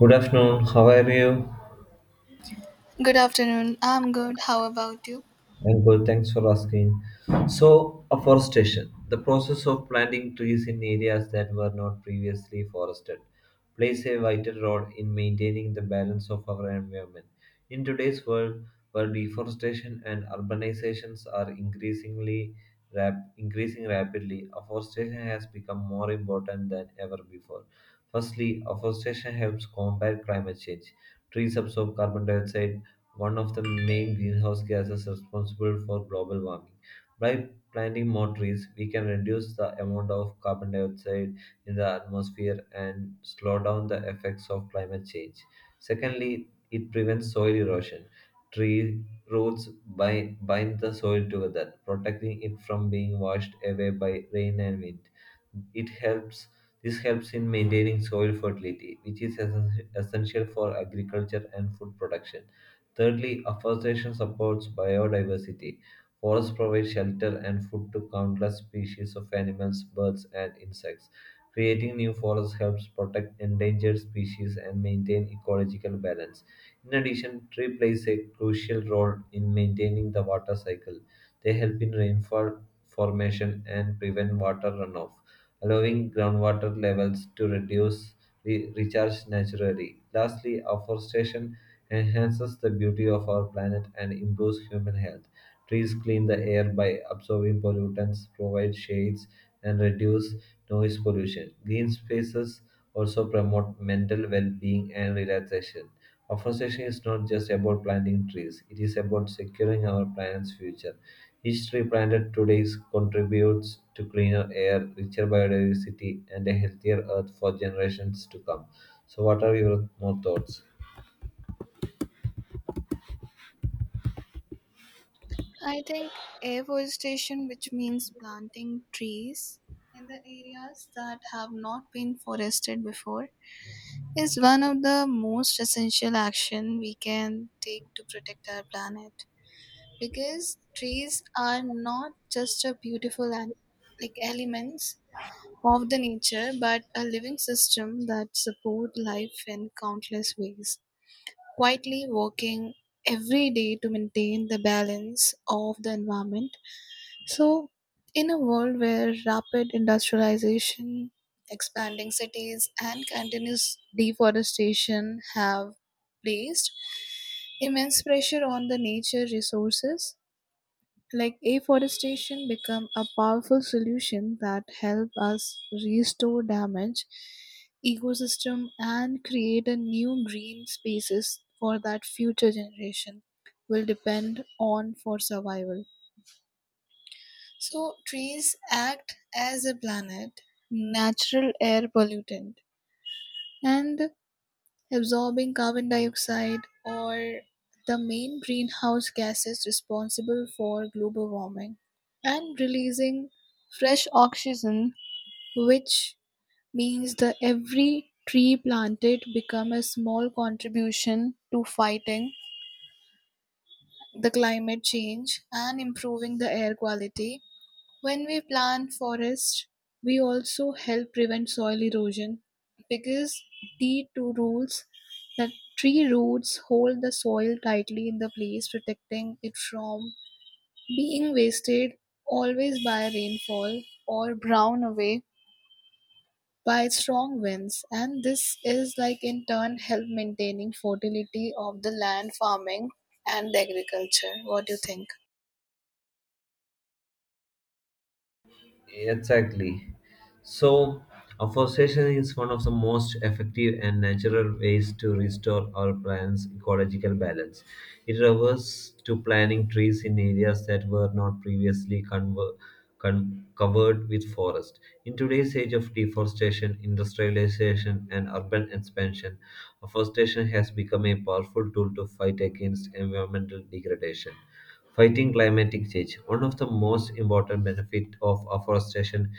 Good afternoon, how are you? Good afternoon. I'm good. How about you? I'm good, thanks for asking. So, afforestation, the process of planting trees in areas that were not previously forested, plays a vital role in maintaining the balance of our environment. In today's world, where deforestation and urbanizations are increasingly increasing rapidly, afforestation has become more important than ever before. Firstly, afforestation helps combat climate change. Trees absorb carbon dioxide, one of the main greenhouse gases responsible for global warming. By planting more trees, we can reduce the amount of carbon dioxide in the atmosphere and slow down the effects of climate change. Secondly, it prevents soil erosion. Tree roots bind the soil together, protecting it from being washed away by rain and wind. It helps This helps in maintaining soil fertility, which is essential for agriculture and food production. Thirdly, afforestation supports biodiversity. Forests provide shelter and food to countless species of animals, birds, and insects. Creating new forests helps protect endangered species and maintain ecological balance. In addition, trees plays a crucial role in maintaining the water cycle. They help in rainfall formation and prevent water runoff, allowing groundwater levels to recharge naturally. Lastly, afforestation enhances the beauty of our planet, and improves human health. Trees clean the air by absorbing pollutants, provide shades, and reduce noise pollution. Green spaces also promote mental well being and relaxation. Afforestation is not just about planting trees, it is about securing our planet's future. Each tree planted today contributes to cleaner air, richer biodiversity, and a healthier earth for generations to come. So, what are your more thoughts? I think afforestation, which means planting trees in the areas that have not been forested before, is one of the most essential action we can take to protect our planet. Because trees are not just a beautiful and like elements of the nature, but a living system that support life in countless ways, quietly working every day to maintain the balance of the environment. So, in a world where rapid industrialization, expanding cities, and continuous deforestation have placed immense pressure on the nature resources, like afforestation become a powerful solution that help us restore damage ecosystem and create a new green spaces for that future generation will depend on for survival. So trees act as a planet natural air pollutant and absorbing carbon dioxide or the main greenhouse gases responsible for global warming and releasing fresh oxygen, which means that every tree planted become a small contribution to fighting the climate change and improving the air quality. When we plant forests, we also help prevent soil erosion because T two rules that tree roots hold the soil tightly in the place, protecting it from being wasted always by rainfall or blown away by strong winds. And this is like in turn help maintaining fertility of the land, farming and the agriculture. What do you think? Exactly. So, afforestation is one of the most effective and natural ways to restore our planet's ecological balance. It refers to planting trees in areas that were not previously covered with forest. In today's age of deforestation, industrialization, and urban expansion, afforestation has become a powerful tool to fight against environmental degradation. Fighting climatic change. One of the most important benefits of afforestation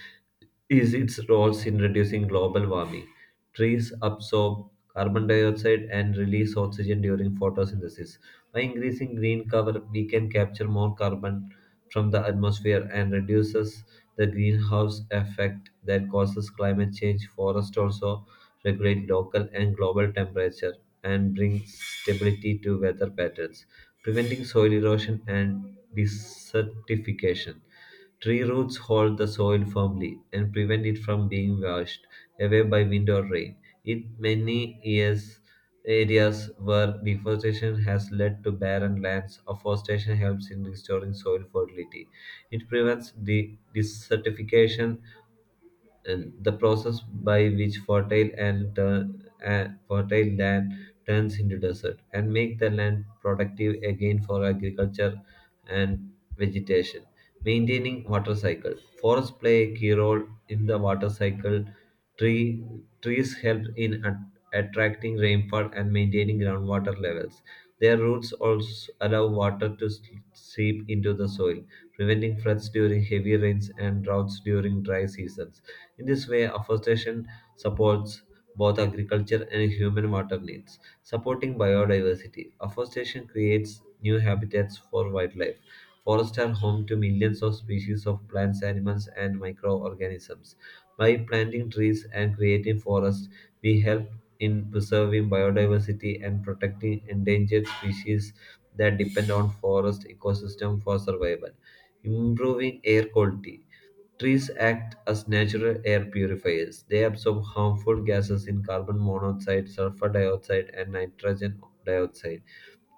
is its roles in reducing global warming. Trees absorb carbon dioxide and release oxygen during photosynthesis. By increasing green cover, we can capture more carbon from the atmosphere and reduces the greenhouse effect that causes climate change. Forests also regulate local and global temperature and bring stability to weather patterns, preventing soil erosion and desertification. Tree roots hold the soil firmly and prevent it from being washed away by wind or rain. In many years, areas where deforestation has led to barren lands, afforestation helps in restoring soil fertility. It prevents the desertification and the process by which fertile land turns into desert and make the land productive again for agriculture and vegetation. Maintaining water cycle. Forests play a key role in the water cycle. Tree, Trees help in attracting rainfall and maintaining groundwater levels. Their roots also allow water to seep into the soil, preventing floods during heavy rains and droughts during dry seasons. In this way, afforestation supports both agriculture and human water needs. Supporting biodiversity, afforestation creates new habitats for wildlife. Forests are home to millions of species of plants, animals, and microorganisms. By planting trees and creating forests, we help in preserving biodiversity and protecting endangered species that depend on forest ecosystem for survival. Improving air quality. Trees act as natural air purifiers. They absorb harmful gases in carbon monoxide, sulfur dioxide, and nitrogen dioxide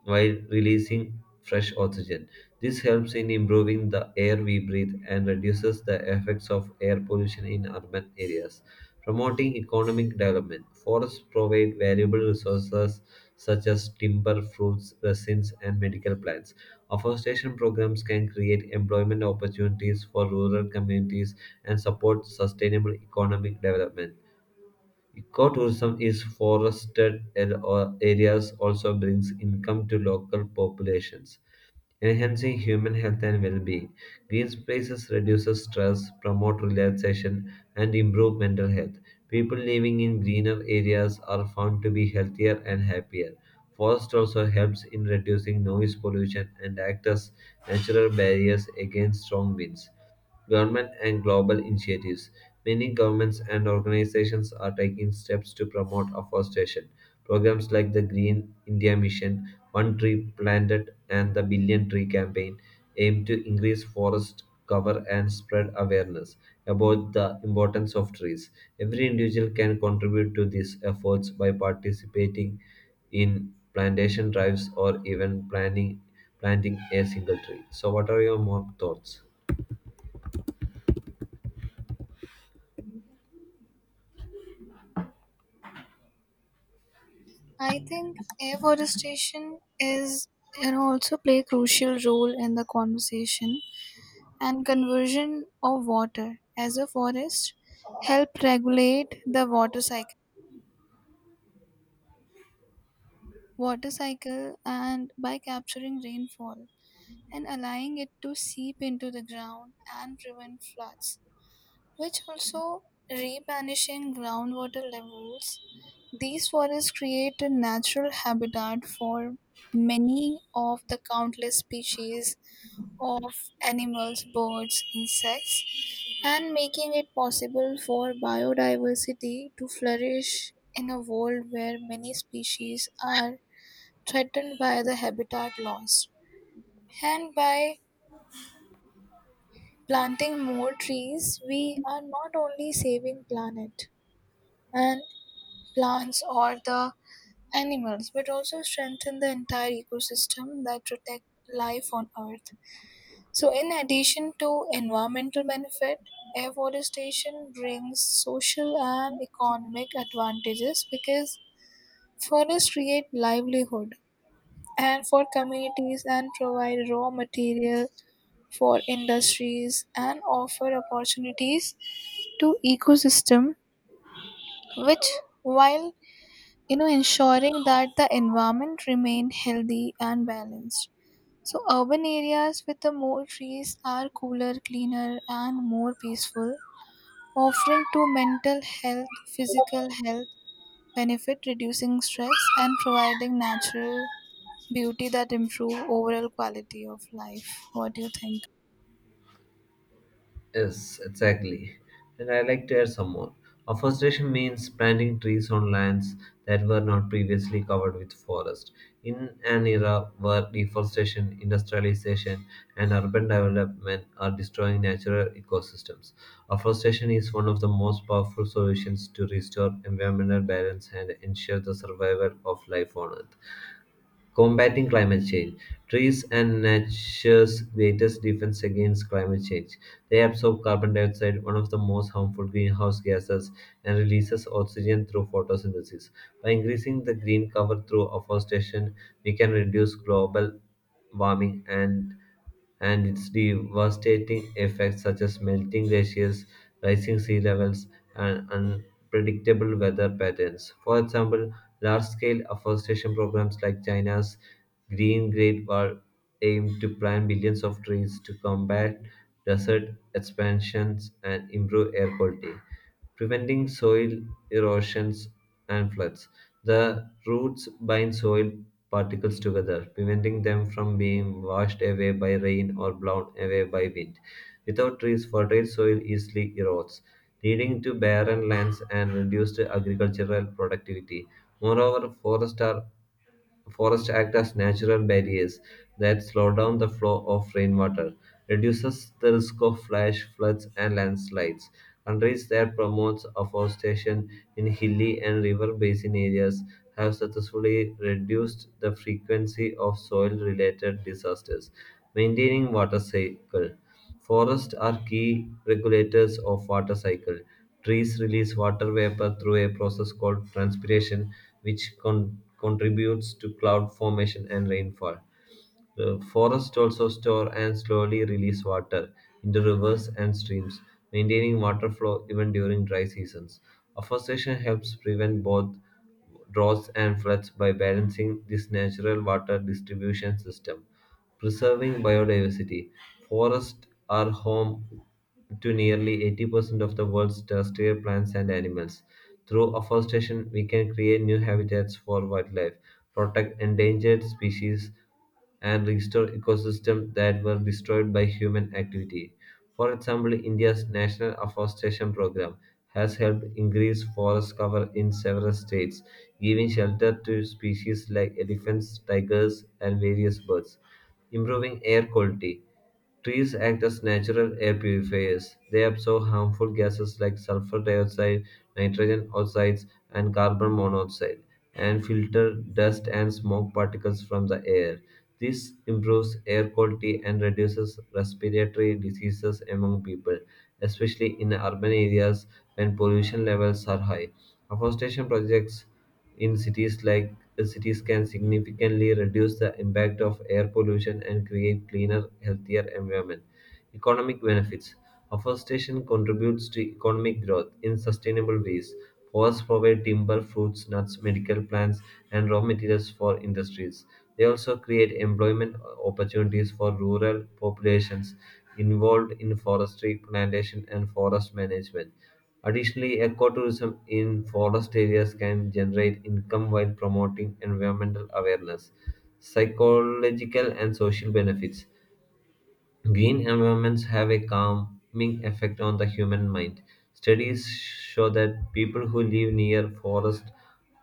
while releasing fresh oxygen. This helps in improving the air we breathe and reduces the effects of air pollution in urban areas. Promoting economic development. Forests provide valuable resources such as timber, fruits, resins, and medical plants. Afforestation programs can create employment opportunities for rural communities and support sustainable economic development. Ecotourism is forested al- or areas also brings income to local populations, enhancing human health and well-being. Green spaces reduces stress, promote relaxation, and improve mental health. People living in greener areas are found to be healthier and happier. Forest also helps in reducing noise pollution and acts as natural barriers against strong winds. Government and global initiatives. Many governments and organizations are taking steps to promote afforestation. Programs like the Green India Mission, One Tree Planted, and the Billion Tree Campaign aim to increase forest cover and spread awareness about the importance of trees. Every individual can contribute to these efforts by participating in plantation drives or even planting a single tree. So, what are your more thoughts? I think afforestation is you know also play a crucial role in the conversation and conversion of water as a forest help regulate the water cycle and by capturing rainfall and allowing it to seep into the ground and prevent floods, which also replenishing groundwater levels. These forests create a natural habitat for many of the countless species of animals, birds, insects, and making it possible for biodiversity to flourish in a world where many species are threatened by the habitat loss. And by planting more trees, we are not only saving planet and plants or the animals, but also strengthen the entire ecosystem that protect life on Earth. So, in addition to environmental benefit, afforestation brings social and economic advantages because forests create livelihood and for communities and provide raw material for industries and offer opportunities to ecosystem which while you know ensuring that the environment remain healthy and balanced. So urban areas with the more trees are cooler, cleaner, and more peaceful, offering to mental health, physical health benefit, reducing stress and providing natural beauty that improve overall quality of life. What do you think? Yes, exactly. And I like to add some more. Afforestation means planting trees on lands that were not previously covered with forest. In an era where deforestation, industrialization, and urban development are destroying natural ecosystems, afforestation is one of the most powerful solutions to restore environmental balance and ensure the survival of life on Earth. Combating climate change. Trees and nature's greatest defense against climate change. They absorb carbon dioxide, one of the most harmful greenhouse gases, and releases oxygen through photosynthesis. By increasing the green cover through afforestation, we can reduce global warming and its devastating effects, such as melting glaciers, rising sea levels, and unpredictable weather patterns. For example, large scale afforestation programs like China's Green Great Wall aim to plant billions of trees to combat desert expansions and improve air quality, preventing soil erosions and floods. The roots bind soil particles together, preventing them from being washed away by rain or blown away by wind. Without trees, fertile soil easily erodes, leading to barren lands and reduced agricultural productivity. Moreover, Forests act as natural barriers that slow down the flow of rainwater, reduces the risk of flash floods and landslides. Countries that promote afforestation in hilly and river basin areas have successfully reduced the frequency of soil related disasters. Maintaining water cycle. Forests are key regulators of water cycle. Trees release water vapor through a process called transpiration, which contributes to cloud formation and rainfall. Forests also store and slowly release water into rivers and streams, maintaining water flow even during dry seasons. Afforestation helps prevent both droughts and floods by balancing this natural water distribution system. Preserving biodiversity. Forests are home to nearly 80% of the world's terrestrial plants and animals. Through afforestation, we can create new habitats for wildlife, protect endangered species, and restore ecosystems that were destroyed by human activity. For example, India's National Afforestation Program has helped increase forest cover in several states, giving shelter to species like elephants, tigers, and various birds. Improving air quality. Trees act as natural air purifiers. They absorb harmful gases like sulfur dioxide, nitrogen oxides, and carbon monoxide, and filter dust and smoke particles from the air. This improves air quality and reduces respiratory diseases among people, especially in urban areas when pollution levels are high. Afforestation projects in cities can significantly reduce the impact of air pollution and create cleaner, healthier environment. Economic benefits. Afforestation contributes to economic growth in sustainable ways. Forests provide timber, fruits, nuts, medical plants, and raw materials for industries. They also create employment opportunities for rural populations involved in forestry, plantation, and forest management. Additionally, ecotourism in forest areas can generate income while promoting environmental awareness, psychological, and social benefits. Green environments have a calming effect on the human mind. Studies show that people who live near forest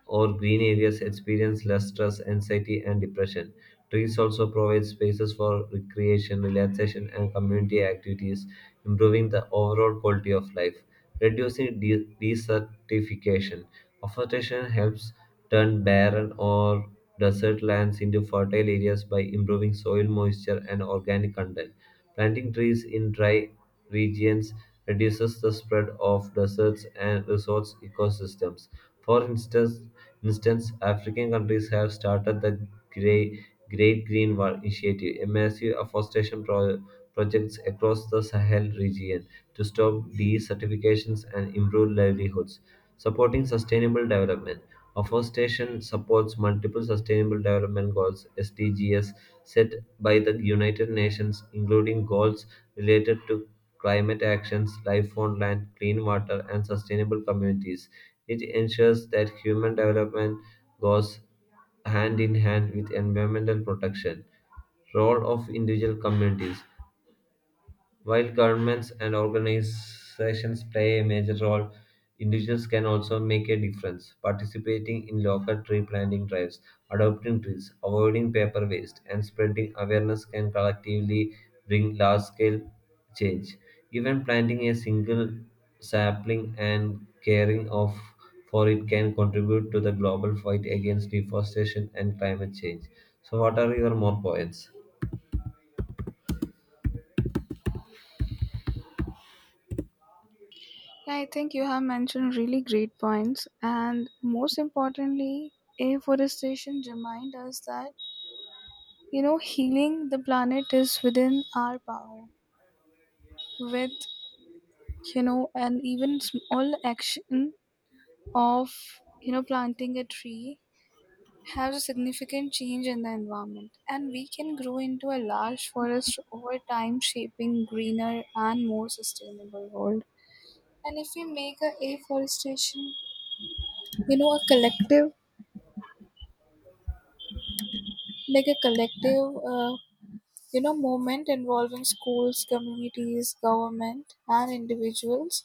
or green areas experience less stress, anxiety, and depression. Trees also provide spaces for recreation, relaxation, and community activities, improving the overall quality of life. Reducing desertification. Afforestation helps turn barren or desert lands into fertile areas by improving soil moisture and organic content. Planting trees in dry regions reduces the spread of deserts and resource ecosystems. For instance, African countries have started the Great Green Wall Initiative, a massive afforestation projects across the Sahel region to stop desertifications and improve livelihoods. Supporting sustainable development. Afforestation supports multiple Sustainable Development Goals (SDGs) set by the United Nations, including goals related to climate actions, life on land, clean water, and sustainable communities. It ensures that human development goes hand in hand with environmental protection. Role of individual communities. While governments and organizations play a major role, individuals can also make a difference. Participating in local tree planting drives, adopting trees, avoiding paper waste, and spreading awareness can collectively bring large scale change. Even planting a single sapling and caring of for it can contribute to the global fight against deforestation and climate change. So, what are your more points? Yeah, I think you have mentioned really great points, and most importantly, afforestation remind us that you know healing the planet is within our power with you know an even small action of you know planting a tree has a significant change in the environment, and we can grow into a large forest over time shaping greener and more sustainable world. And if we make a afforestation you know a collective like a collective you know movement involving schools, communities, government and individuals.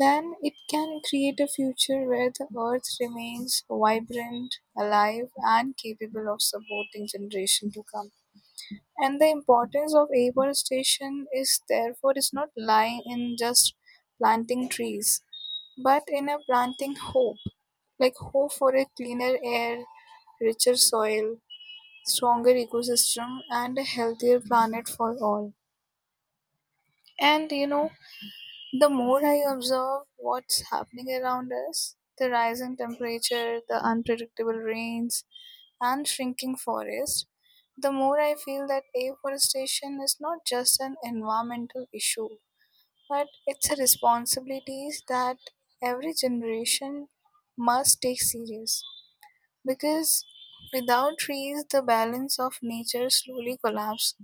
Then it can create a future where the earth remains vibrant, alive, and capable of supporting generations to come. And the importance of afforestation is therefore is not lying in just planting trees, but in a planting hope, like hope for a cleaner air, richer soil, stronger ecosystem, and a healthier planet for all. And you know, the more I observe what's happening around us, the rising temperature, the unpredictable rains, and shrinking forests, the more I feel that afforestation is not just an environmental issue, but it's a responsibility that every generation must take serious. Because without trees, the balance of nature slowly collapses,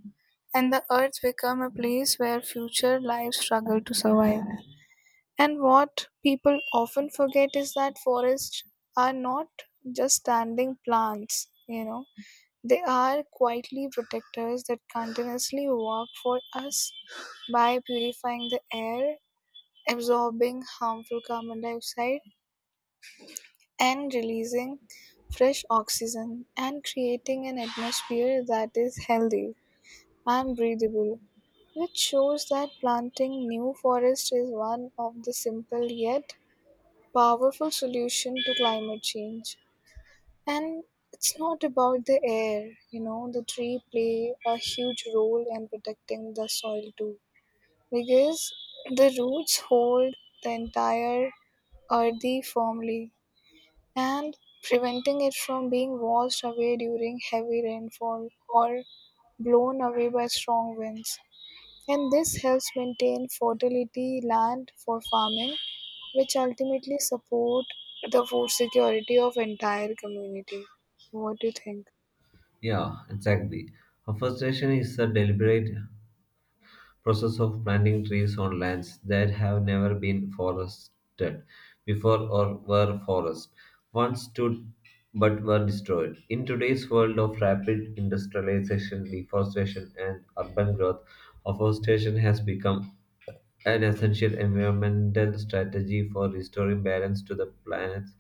and the earth becomes a place where future lives struggle to survive. And what people often forget is that forests are not just standing plants, you know, they are quietly protectors that continuously work for us by purifying the air, absorbing harmful carbon dioxide, and releasing fresh oxygen, and creating an atmosphere that is healthy and breathable. Which shows that planting new forests is one of the simple yet powerful solution to climate change. And it's not about the air, you know, the tree play a huge role in protecting the soil too. Because the roots hold the entire earthy firmly and preventing it from being washed away during heavy rainfall or blown away by strong winds. And this helps maintain fertility land for farming, which ultimately support the food security of entire community. What do you think? Yeah, exactly. Afforestation is a deliberate process of planting trees on lands that have never been forested before or were forests once stood but were destroyed. In today's world of rapid industrialization, deforestation, and urban growth, afforestation has become an essential environmental strategy for restoring balance to the planet's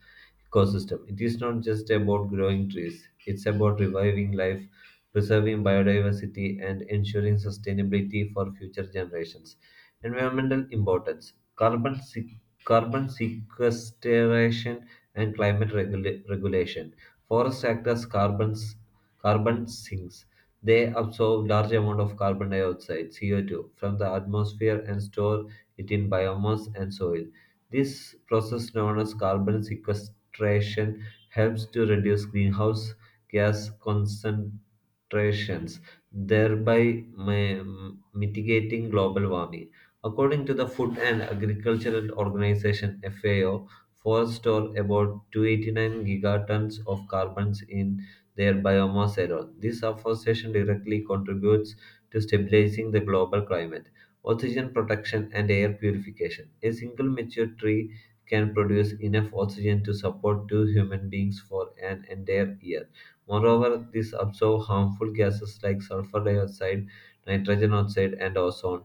ecosystem. It is not just about growing trees, it's about reviving life, preserving biodiversity, and ensuring sustainability for future generations. Environmental importance carbon, carbon sequestration and climate regulation. Forests act as carbon sinks, they absorb large amount of carbon dioxide (CO2) from the atmosphere and store it in biomass and soil. This process, known as carbon sequestration, helps to reduce greenhouse gas concentrations, thereby mitigating global warming. According to the Food and Agricultural Organization FAO, forests store about 289 gigatons of carbons in their biomass alone. This afforestation directly contributes to stabilizing the global climate, oxygen protection, and air purification. A single mature tree can produce enough oxygen to support two human beings for an entire year. Moreover, this absorbs harmful gases like sulfur dioxide, nitrogen oxide, and ozone,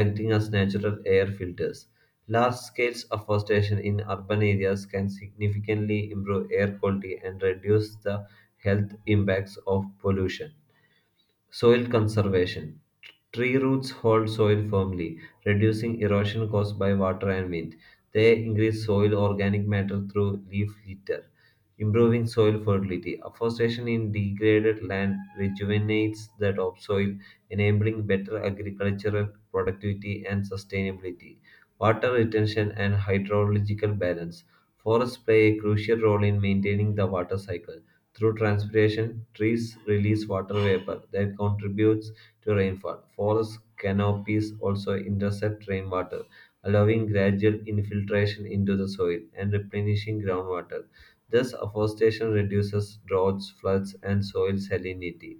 acting as natural air filters. Large-scale afforestation in urban areas can significantly improve air quality and reduce the health impacts of pollution. Soil conservation. Tree roots hold soil firmly, reducing erosion caused by water and wind. They increase soil organic matter through leaf litter, improving soil fertility. Afforestation in degraded land rejuvenates the topsoil, enabling better agricultural productivity and sustainability, water retention, and hydrological balance. Forests play a crucial role in maintaining the water cycle. Through transpiration, trees release water vapor that contributes to rainfall. Forest canopies also intercept rainwater, allowing gradual infiltration into the soil and replenishing groundwater. Thus, afforestation reduces droughts, floods, and soil salinity.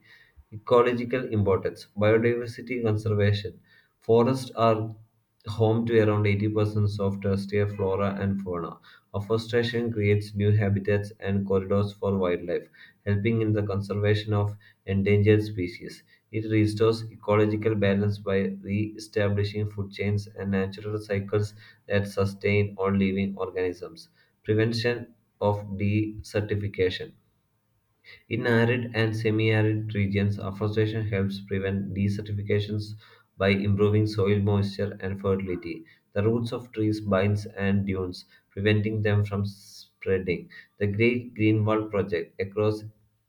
Ecological importance. Biodiversity conservation. Forests are home to around 80% of terrestrial flora and fauna. Afforestation creates new habitats and corridors for wildlife, helping in the conservation of endangered species. It restores ecological balance by re establishing food chains and natural cycles that sustain all living organisms. Prevention of desertification. In arid and semi-arid regions, afforestation helps prevent desertifications by improving soil moisture and fertility. The roots of trees binds and dunes, preventing them from spreading. The Great Green Wall project across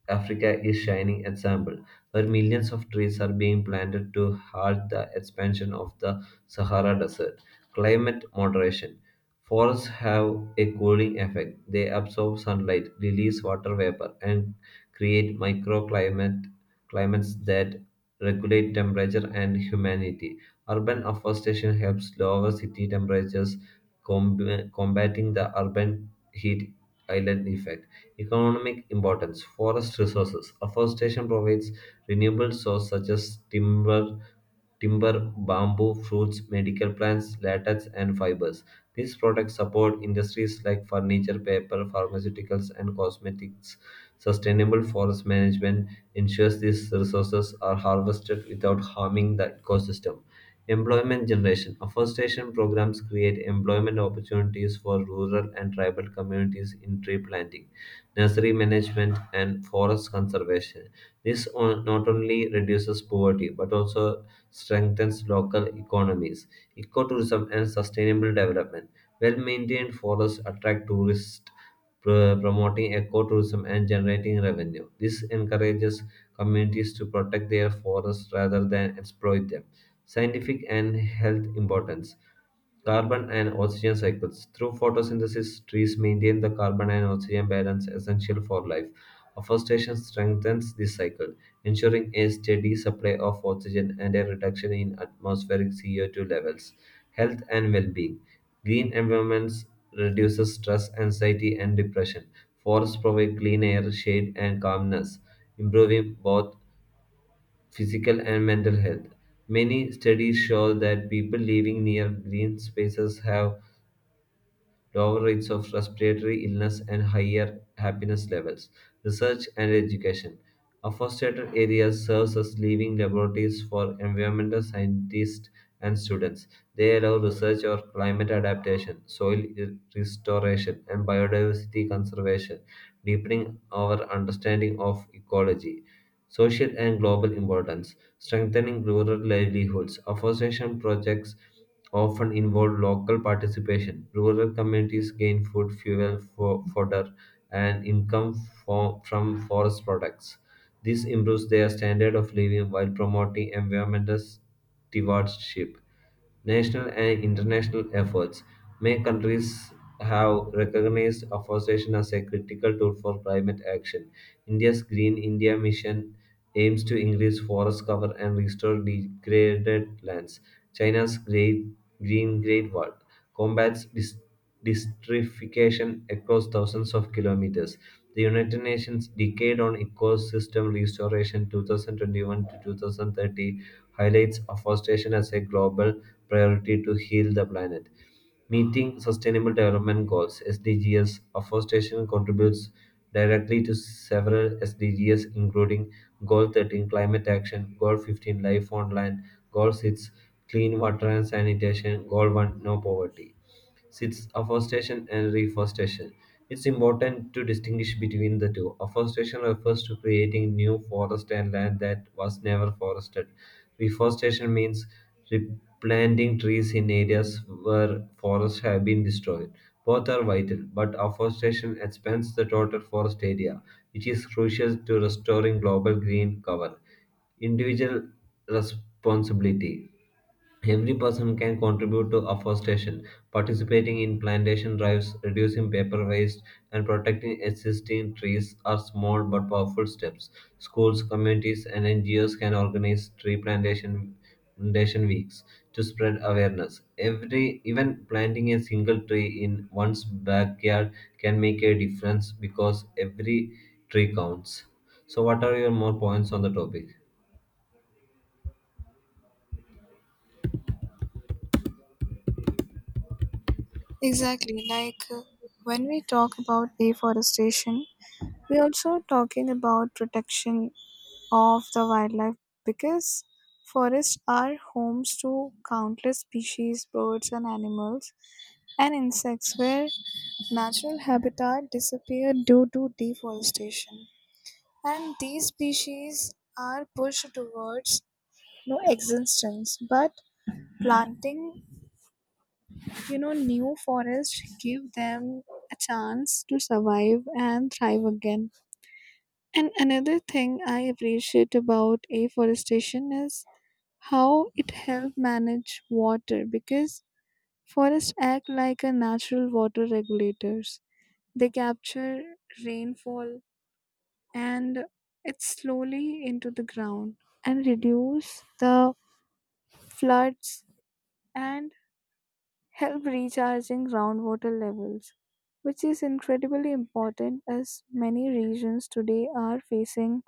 Africa is shining example, where millions of trees are being planted to halt the expansion of the Sahara Desert. Climate moderation. Forests have a cooling effect. They absorb sunlight, release water vapor, and create microclimate climates that regulate temperature and humidity. Urban afforestation helps lower city temperatures, combating the urban heat island effect. Economic importance: Forest resources. Afforestation provides renewable sources such as timber, bamboo, fruits, medical plants, latex, and fibers. These products support industries like furniture, paper, pharmaceuticals, and cosmetics. Sustainable forest management ensures these resources are harvested without harming the ecosystem. Employment generation. Afforestation programs create employment opportunities for rural and tribal communities in tree planting, nursery management, and forest conservation. This on, not only reduces poverty but also strengthens local economies. Ecotourism and sustainable development. Well maintained forests attract tourists, promoting ecotourism and generating revenue. This encourages communities to protect their forests rather than exploit them. Scientific and health importance. Carbon and oxygen cycles. Through photosynthesis, trees maintain the carbon and oxygen balance essential for life. Afforestation strengthens this cycle, ensuring a steady supply of oxygen and a reduction in atmospheric CO2 levels. Health and well-being. Green environments reduces stress, anxiety, and depression. Forests provide clean air, shade, and calmness, improving both physical and mental health. Many studies show that people living near green spaces have lower rates of respiratory illness and higher happiness levels. Research and education. Afforested areas serves as living laboratories for environmental scientists and students. They allow research on climate adaptation, soil restoration, and biodiversity conservation, deepening our understanding of ecology. Social and global importance, strengthening rural livelihoods. Afforestation projects often involve local participation. Rural communities gain food, fuel, fodder, and income from forest products. This improves their standard of living while promoting environmental stewardship. National and international efforts. Many countries have recognized afforestation as a critical tool for climate action. India's Green India Mission aims to increase forest cover and restore degraded lands. China's Great Wall combats desertification across thousands of kilometers. The United Nations Decade on Ecosystem Restoration 2021 to 2030 highlights afforestation as a global priority to heal the planet. Meeting Sustainable Development Goals (SDGs), afforestation contributes directly to several SDGs, including Goal 13 Climate Action, Goal 15 Life on Land, Goal 6 Clean Water and Sanitation, Goal 1 No Poverty. Six, afforestation and reforestation. It's important to distinguish between the two. Afforestation refers to creating new forest and land that was never forested. Reforestation means replanting trees in areas where forests have been destroyed. Both are vital, but afforestation expands the total forest area, which is crucial to restoring global green cover. Individual responsibility. Every person can contribute to afforestation, participating in plantation drives, reducing paper waste, and protecting existing trees are small but powerful steps. Schools, communities, and NGOs can organize plantation weeks to spread awareness. Every even planting a single tree in one's backyard can make a difference because every tree counts. So, what are your more points on the topic? Exactly. Like when we talk about afforestation, we're also talking about protection of the wildlife because forests are homes to countless species, birds, and animals, and insects where natural habitat disappeared due to deforestation. And these species are pushed towards no existence, but planting you know new forest give them a chance to survive and thrive again. And another thing I appreciate about afforestation is how it help manage water, because forests act like a natural water regulators. They capture rainfall and it slowly into the ground and reduce the floods and help recharging groundwater levels, which is incredibly important as many regions today are facing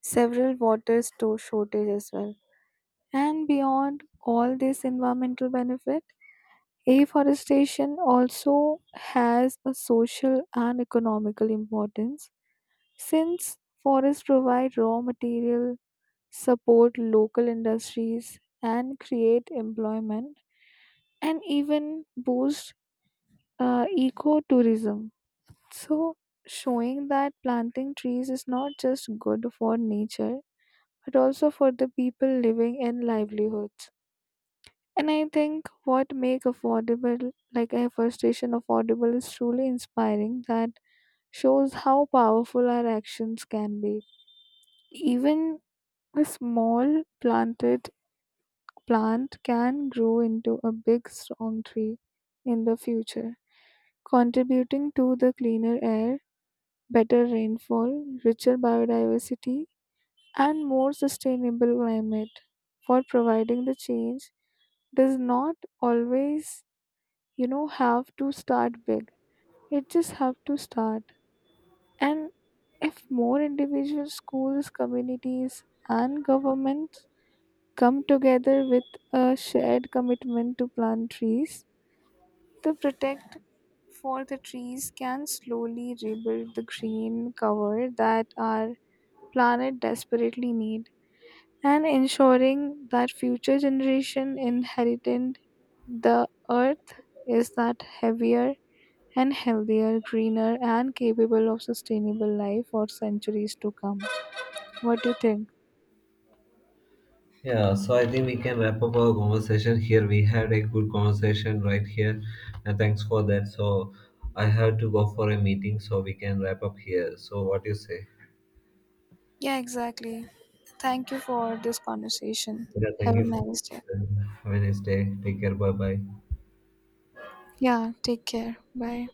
several water store shortage as well. And beyond all this environmental benefit, afforestation also has a social and economical importance since forests provide raw material, support local industries, and create employment and even boost ecotourism. So, showing that planting trees is not just good for nature but also for the people living and livelihoods. And I think what make affordable, like afforestation affordable, is truly inspiring. That shows how powerful our actions can be. Even a small planted plant can grow into a big strong tree in the future, contributing to the cleaner air, better rainfall, richer biodiversity, and more sustainable climate for providing the change does not always, you know, have to start big. It just have to start. And if more individual schools, communities, and governments come together with a shared commitment to plant trees, to protect for the trees can slowly rebuild the green cover that our planet desperately need, and ensuring that future generation inherited the earth is that heavier and healthier, greener and capable of sustainable life for centuries to come. What do you think? Yeah, so I think we can wrap up our conversation here. We had a good conversation right here, and thanks for that. So I have to go for a meeting, so we can wrap up here. So what do you say? Yeah, exactly. Thank you for this conversation. Yeah, Have thank a you for your nice day. time. Have a nice day. Take care. Bye bye. Yeah, take care. Bye.